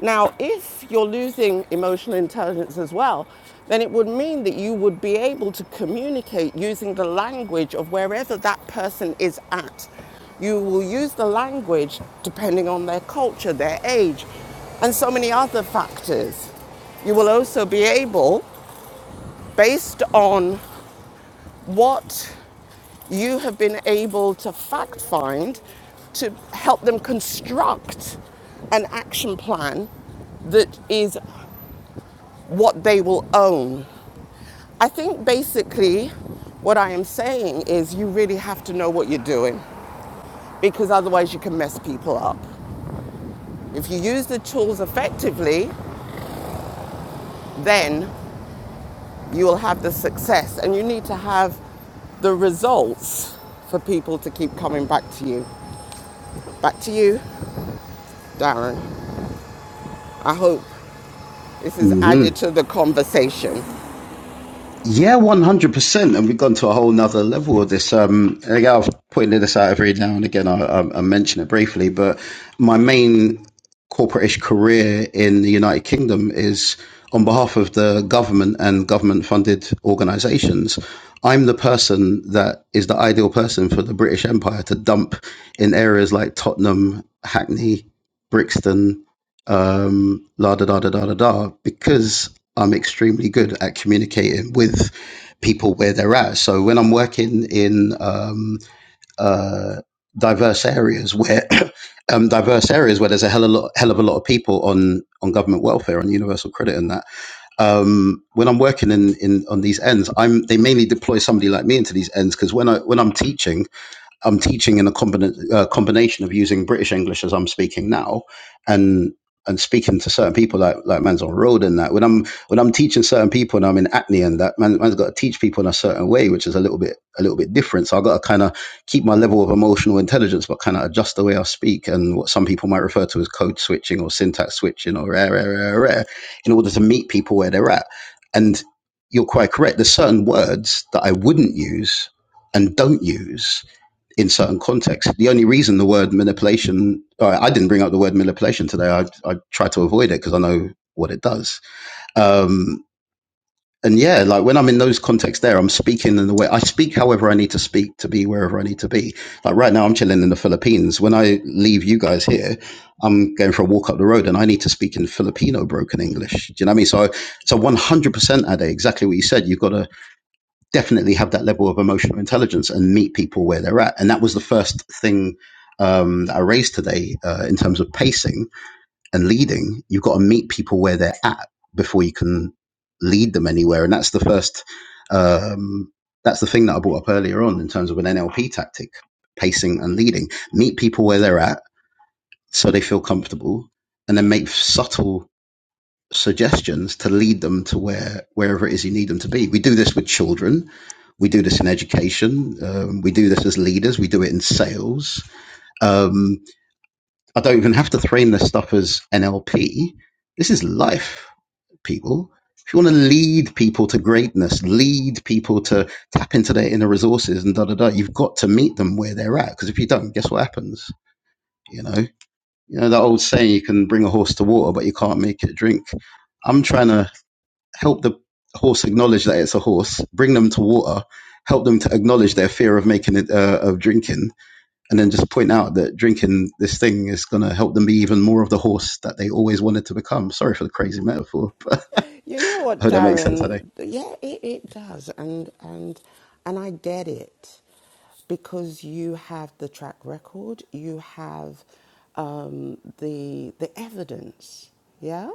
S6: Now, if you're losing emotional intelligence as well, then it would mean that you would be able to communicate using the language of wherever that person is at. You will use the language depending on their culture, their age, and so many other factors. You will also be able based on what you have been able to fact find to help them construct an action plan that is what they will own. I think basically what I am saying is you really have to know what you're doing because otherwise you can mess people up. If you use the tools effectively, then you will have the success and you need to have the results for people to keep coming back to you. Back to you, Darren. I hope this is
S2: Mhm.
S6: added to the conversation.
S2: Yeah, one hundred percent, and we've gone to a whole nother level of this. Um, again, I'm putting this out every now and again. I, I, I mention it briefly, but my main corporate-ish career in the United Kingdom is on behalf of the government and government-funded organisations. I'm the person that is the ideal person for the British Empire to dump in areas like Tottenham, Hackney, Brixton, um, la da da da da da da, because I'm extremely good at communicating with people where they're at. So when I'm working in um, uh, diverse areas where um, diverse areas where there's a hell, of a lot, hell of a lot of people on on government welfare on universal credit and that, um, when I'm working in, in on these ends, I'm they mainly deploy somebody like me into these ends because when I when I'm teaching I'm teaching in a combina- uh, combination of using British English as I'm speaking now, and and speaking to certain people like like man's on road and that. When I'm when I'm teaching certain people and I'm in acne and that man, man's got to teach people in a certain way, which is a little bit a little bit different. So I've got to kind of keep my level of emotional intelligence, but kind of adjust the way I speak and what some people might refer to as code switching or syntax switching or rare rare rare rare, in order to meet people where they're at. And you're quite correct. There's certain words that I wouldn't use and don't use in certain contexts. The only reason the word manipulation, uh, I didn't bring up the word manipulation today. I, I try to avoid it because I know what it does. Um, and yeah, like when I'm in those contexts there, I'm speaking in the way I speak however I need to speak to be wherever I need to be. Like right now, I'm chilling in the Philippines. When I leave you guys here, I'm going for a walk up the road and I need to speak in Filipino broken English. Do you know what I mean? So, so 100% Ade, exactly what you said. You've got to definitely have that level of emotional intelligence and meet people where they're at. And that was the first thing um, that I raised today uh, in terms of pacing and leading. You've got to meet people where they're at before you can lead them anywhere. And that's the first, um, that's the thing that I brought up earlier on in terms of an NLP tactic, pacing and leading. Meet people where they're at so they feel comfortable and then make subtle suggestions to lead them to where wherever it is you need them to be. We do this with children. We do this in education. Um, we do this as leaders. We do it in sales. Um, I don't even have to frame this stuff as NLP. This is life, people. If you want to lead people to greatness, lead people to tap into their inner resources and da da da, you've got to meet them where they're at. Because if you don't, guess what happens? You know, you know that old saying: you can bring a horse to water, but you can't make it drink. I'm trying to help the horse acknowledge that it's a horse, bring them to water, help them to acknowledge their fear of making it uh, of drinking, and then just point out that drinking this thing is going to help them be even more of the horse that they always wanted to become. Sorry for the crazy metaphor, but
S6: You know
S2: I
S6: what,
S2: hope that makes sense. I think.
S6: Darren? Yeah, it, it does, and and and I get it because you have the track record, you have um, the the evidence, yeah,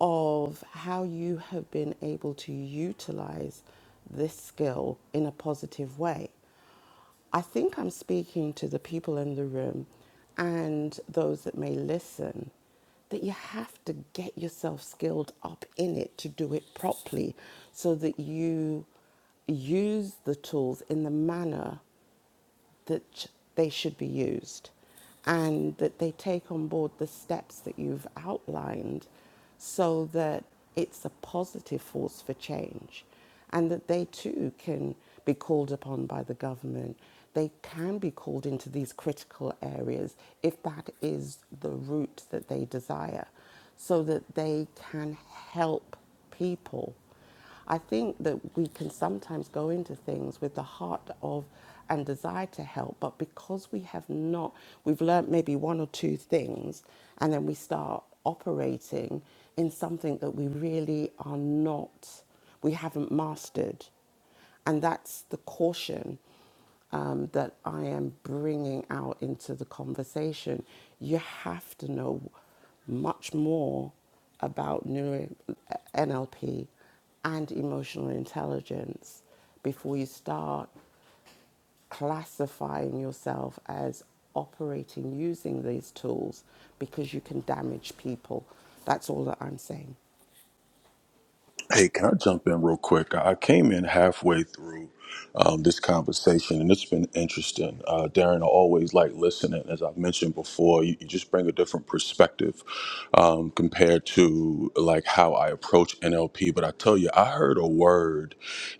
S6: of how you have been able to utilize this skill in a positive way. I think I'm speaking to the people in the room and those that may listen that you have to get yourself skilled up in it to do it properly so that you use the tools in the manner that they should be used and that they take on board the steps that you've outlined so that it's a positive force for change and that they too can be called upon by the government. They can be called into these critical areas if that is the route that they desire so that they can help people I think that we can sometimes go into things with the heart of and desire to help, but because we have not, we've learnt maybe one or two things, and then we start operating in something that we really are not, we haven't mastered. And that's the caution um, that I am bringing out into the conversation, you have to know much more about neuro- NLP and emotional intelligence before you start classifying yourself as operating using these tools because you can damage people. That's all that I'm saying.
S7: Hey, can I jump in real quick? I came in halfway through um, this conversation, and it's been interesting. Uh, Darren, I always like listening. As I've mentioned before, you, you just bring a different perspective um, compared to like how I approach NLP. But I tell you, I heard a word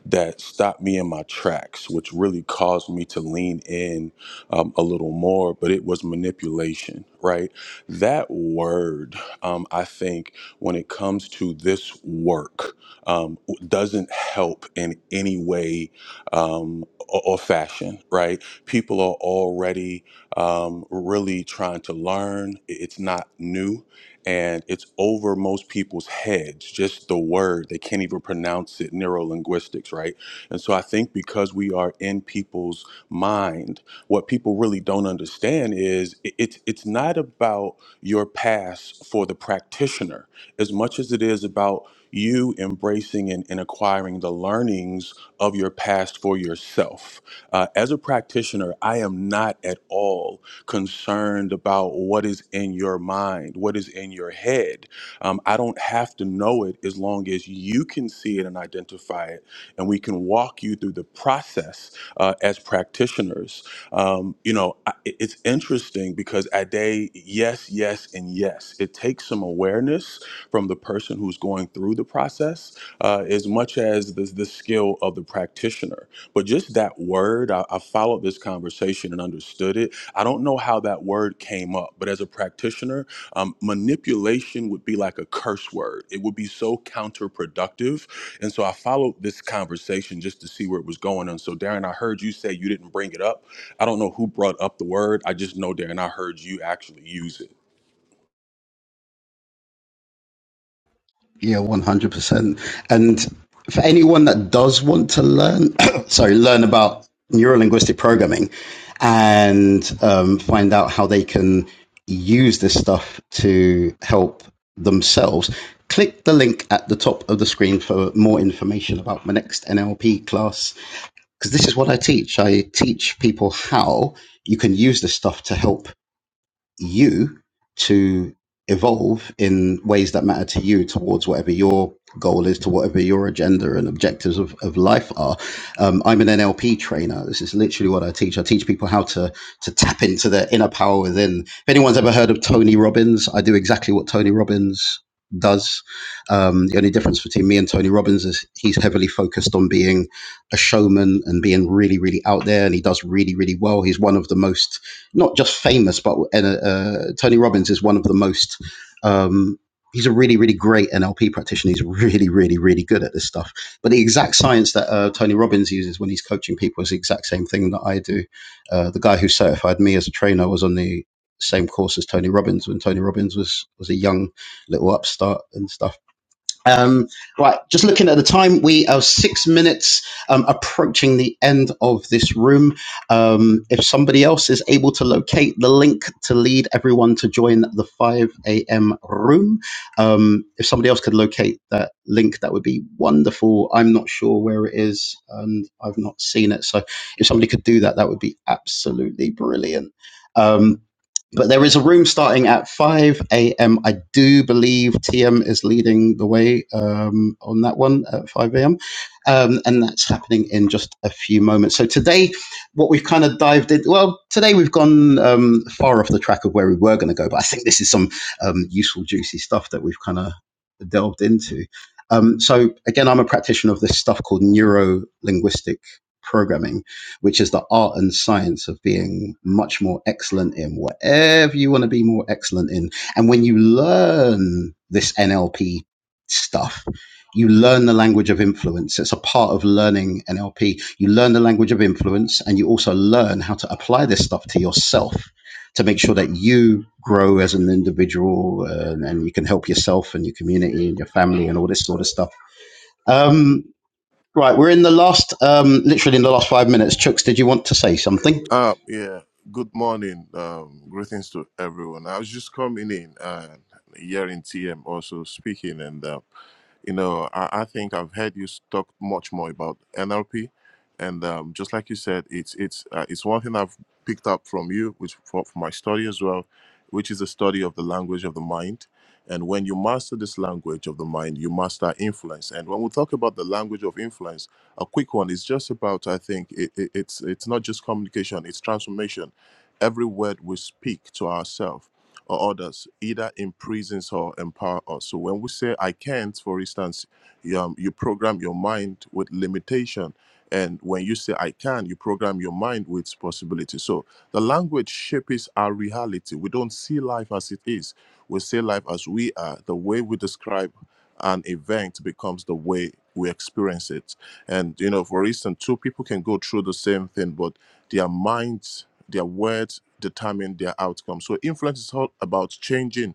S7: that stopped me in my tracks, which really caused me to lean in um, a little more. But it was manipulation, right? That word, um, I think, when it comes to this work um, doesn't help in any way um, or, or fashion, right? People are already um, really trying to learn. I- It's not new and it's over most people's heads, just the word. They can't even pronounce it, neuro linguistics, right? And so I think because we are in people's mind, what people really don't understand is i- it's, it's not about your past for the practitioner as much as it is about you embracing and, and acquiring the learnings of your past for yourself. Uh, as a practitioner, I am not at all concerned about what is in your mind, what is in your head. Um, I don't have to know it as long as you can see it and identify it, and we can walk you through the process uh, as practitioners. Um, you know, I, it- it's interesting because Ade, yes, yes, and yes, it takes some awareness from the person who's going through the process uh, as much as the, the skill of the practitioner. But just that word, I, I followed this conversation and understood it. I don't know how that word came up, but as a practitioner, um, manipulation would be like a curse word. It would be so counterproductive. And so I followed this conversation just to see where it was going. And so, Darren, I heard you say you didn't bring it up. I don't know who brought up the word. I just know, Darren, I heard you actually use it.
S2: Yeah, one hundred percent. And for anyone that does want to learn, sorry, learn about neurolinguistic programming and um, find out how they can use this stuff to help themselves, click the link at the top of the screen for more information about my next NLP class. Because this is what I teach. I teach people how you can use this stuff to help you to evolve in ways that matter to you towards whatever your goal is to whatever your agenda and objectives of, of life are um, i'm an nlp trainer this is literally what i teach i teach people how to to tap into their inner power within if anyone's ever heard of tony robbins i do exactly what tony robbins does um, the only difference between me and tony robbins is he's heavily focused on being a showman and being really really out there and he does really really well he's one of the most not just famous, but uh, uh, Tony Robbins is one of the most. Um, he's a really, really great NLP practitioner. He's really, really, really good at this stuff. But the exact science that uh, Tony Robbins uses when he's coaching people is the exact same thing that I do. Uh, the guy who certified me as a trainer was on the same course as Tony Robbins when Tony Robbins was was a young little upstart and stuff um, right, just looking at the time, we are six minutes um, approaching the end of this room. Um, if somebody else is able to locate the link to lead everyone to join the 5 a.m. room, um, if somebody else could locate that link, that would be wonderful. I'm not sure where it is and I've not seen it. So if somebody could do that, that would be absolutely brilliant. Um, but there is a room starting at 5 a.m. I do believe TM is leading the way um, on that one at 5 a.m. Um, and that's happening in just a few moments. So today, what we've kind of dived in, well, today we've gone um, far off the track of where we were going to go, but I think this is some um, useful, juicy stuff that we've kind of delved into. Um, so again, I'm a practitioner of this stuff called neuro linguistic programming which is the art and science of being much more excellent in whatever you want to be more excellent in. And when you learn this NLP stuff, you learn the language of influence. It's a part of learning NLP. You learn the language of influence and you also learn how to apply this stuff to yourself to make sure that you grow as an individual and, and you can help yourself and your community and your family and all this sort of stuff. Um, Right, we're in the last, um, literally in the last five minutes. Chooks, did you want to say something?
S8: Uh, yeah. Good morning. Um, greetings to everyone. I was just coming in and hearing TM also speaking, and uh, you know, I, I think I've heard you talk much more about NLP, and um, just like you said, it's it's uh, it's one thing I've picked up from you, which for, from my study as well, which is the study of the language of the mind. And when you master this language of the mind, you master influence. And when we talk about the language of influence, a quick one is just about I think it, it, it's it's not just communication; it's transformation. Every word we speak to ourselves or others either imprisons or empower us. So when we say "I can't," for instance, you, um, you program your mind with limitation and when you say I can, you program your mind with possibility. So the language shapes our reality. We don't see life as it is. We see life as we are. The way we describe an event becomes the way we experience it. And you know, for instance, two people can go through the same thing, but their minds, their words determine their outcome. So influence is all about changing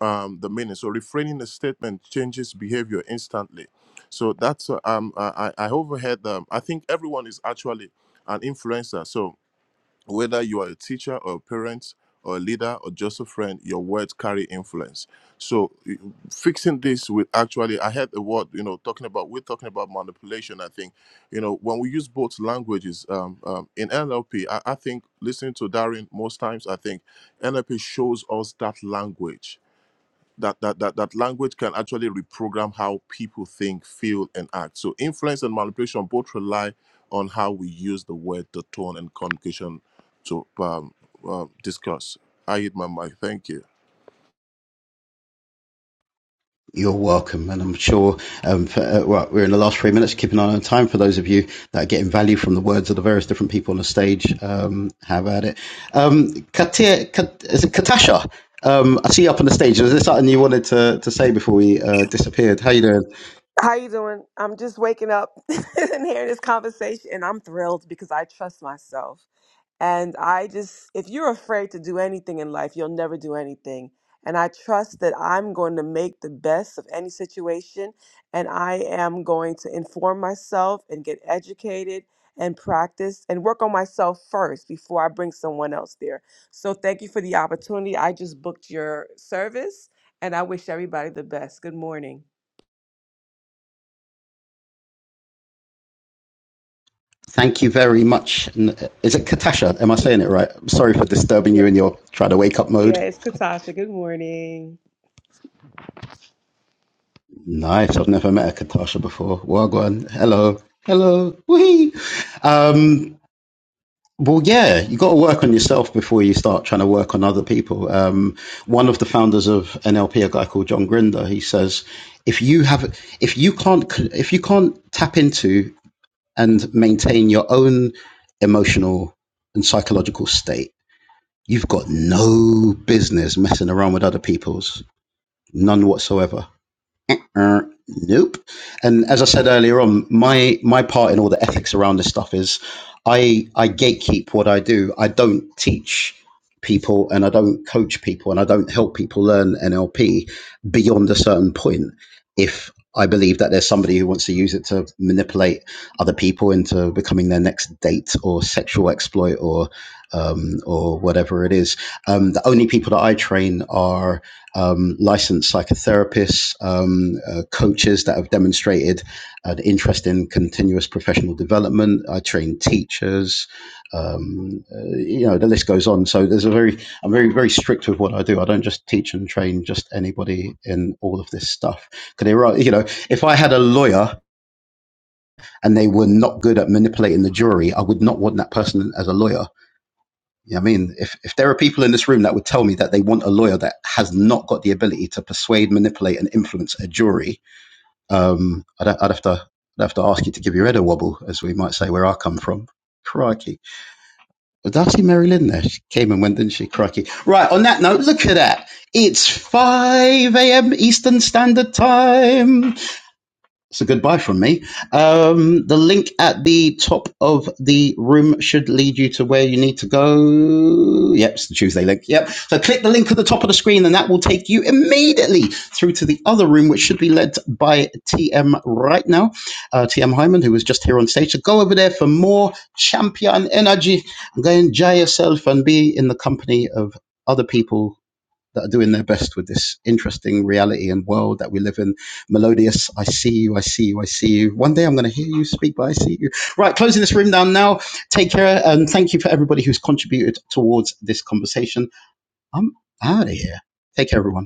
S8: um, the meaning. So refraining a statement changes behavior instantly. So that's uh, um, I, I I overheard. Um, I think everyone is actually an influencer. So whether you are a teacher or a parent or a leader or just a friend, your words carry influence. So y- fixing this with actually, I heard the word you know talking about. We're talking about manipulation. I think you know when we use both languages um, um, in NLP. I, I think listening to Darren most times, I think NLP shows us that language that that that, that language can actually reprogram how people think, feel, and act. So influence and manipulation both rely on how we use the word, the tone, and communication to um, um, discuss. I hit my mic. Thank you.
S2: You're welcome, and I'm sure. Um, for, uh, right, we're in the last three minutes. keeping an eye on time for those of you that are getting value from the words of the various different people on the stage. Um, how about it, um, Katia? Kat, is it Katasha? Um, I see you up on the stage. Was there something you wanted to, to say before we uh, disappeared? How you doing?
S9: How you doing? I'm just waking up and hearing this conversation and I'm thrilled because I trust myself. And I just if you're afraid to do anything in life, you'll never do anything. And I trust that I'm going to make the best of any situation and I am going to inform myself and get educated and practice and work on myself first before I bring someone else there. So thank you for the opportunity. I just booked your service and I wish everybody the best. Good morning.
S2: Thank you very much. uh, Is it Katasha? Am I saying it right? I'm sorry for disturbing you in your try to wake up mode.
S9: Yeah, it's Katasha. Good morning.
S2: Nice. I've never met a Katasha before. Wagwan. Hello. Hello. Wee. Um, well, yeah, you got to work on yourself before you start trying to work on other people. Um, one of the founders of NLP, a guy called John Grinder, he says, if you have, if you can't, if you can't tap into and maintain your own emotional and psychological state, you've got no business messing around with other people's, none whatsoever uh, nope. And as I said earlier on, my my part in all the ethics around this stuff is, I I gatekeep what I do. I don't teach people, and I don't coach people, and I don't help people learn NLP beyond a certain point. If I believe that there's somebody who wants to use it to manipulate other people into becoming their next date or sexual exploit or um, or whatever it is, um, the only people that I train are um, licensed psychotherapists, um, uh, coaches that have demonstrated an interest in continuous professional development. I train teachers. Um, uh, you know, the list goes on. So there's a very, I'm very, very strict with what I do. I don't just teach and train just anybody in all of this stuff. Because they right, you know, if I had a lawyer and they were not good at manipulating the jury, I would not want that person as a lawyer. You know what I mean, if, if there are people in this room that would tell me that they want a lawyer that has not got the ability to persuade, manipulate, and influence a jury, um, I'd, I'd have to I'd have to ask you to give your head a wobble, as we might say where I come from. Crikey. Did I see Mary Lynn there? She came and went, didn't she? Crikey. Right, on that note, look at that. It's 5 a.m. Eastern Standard Time. So goodbye from me. Um, the link at the top of the room should lead you to where you need to go. Yep, it's the Tuesday link. Yep. So click the link at the top of the screen, and that will take you immediately through to the other room, which should be led by TM right now, uh, TM Hyman, who was just here on stage. So go over there for more champion energy. and Go enjoy yourself and be in the company of other people that are doing their best with this interesting reality and world that we live in. Melodious, I see you, I see you, I see you. One day I'm going to hear you speak, but I see you. Right, closing this room down now. Take care and thank you for everybody who's contributed towards this conversation. I'm out of here. Take care, everyone.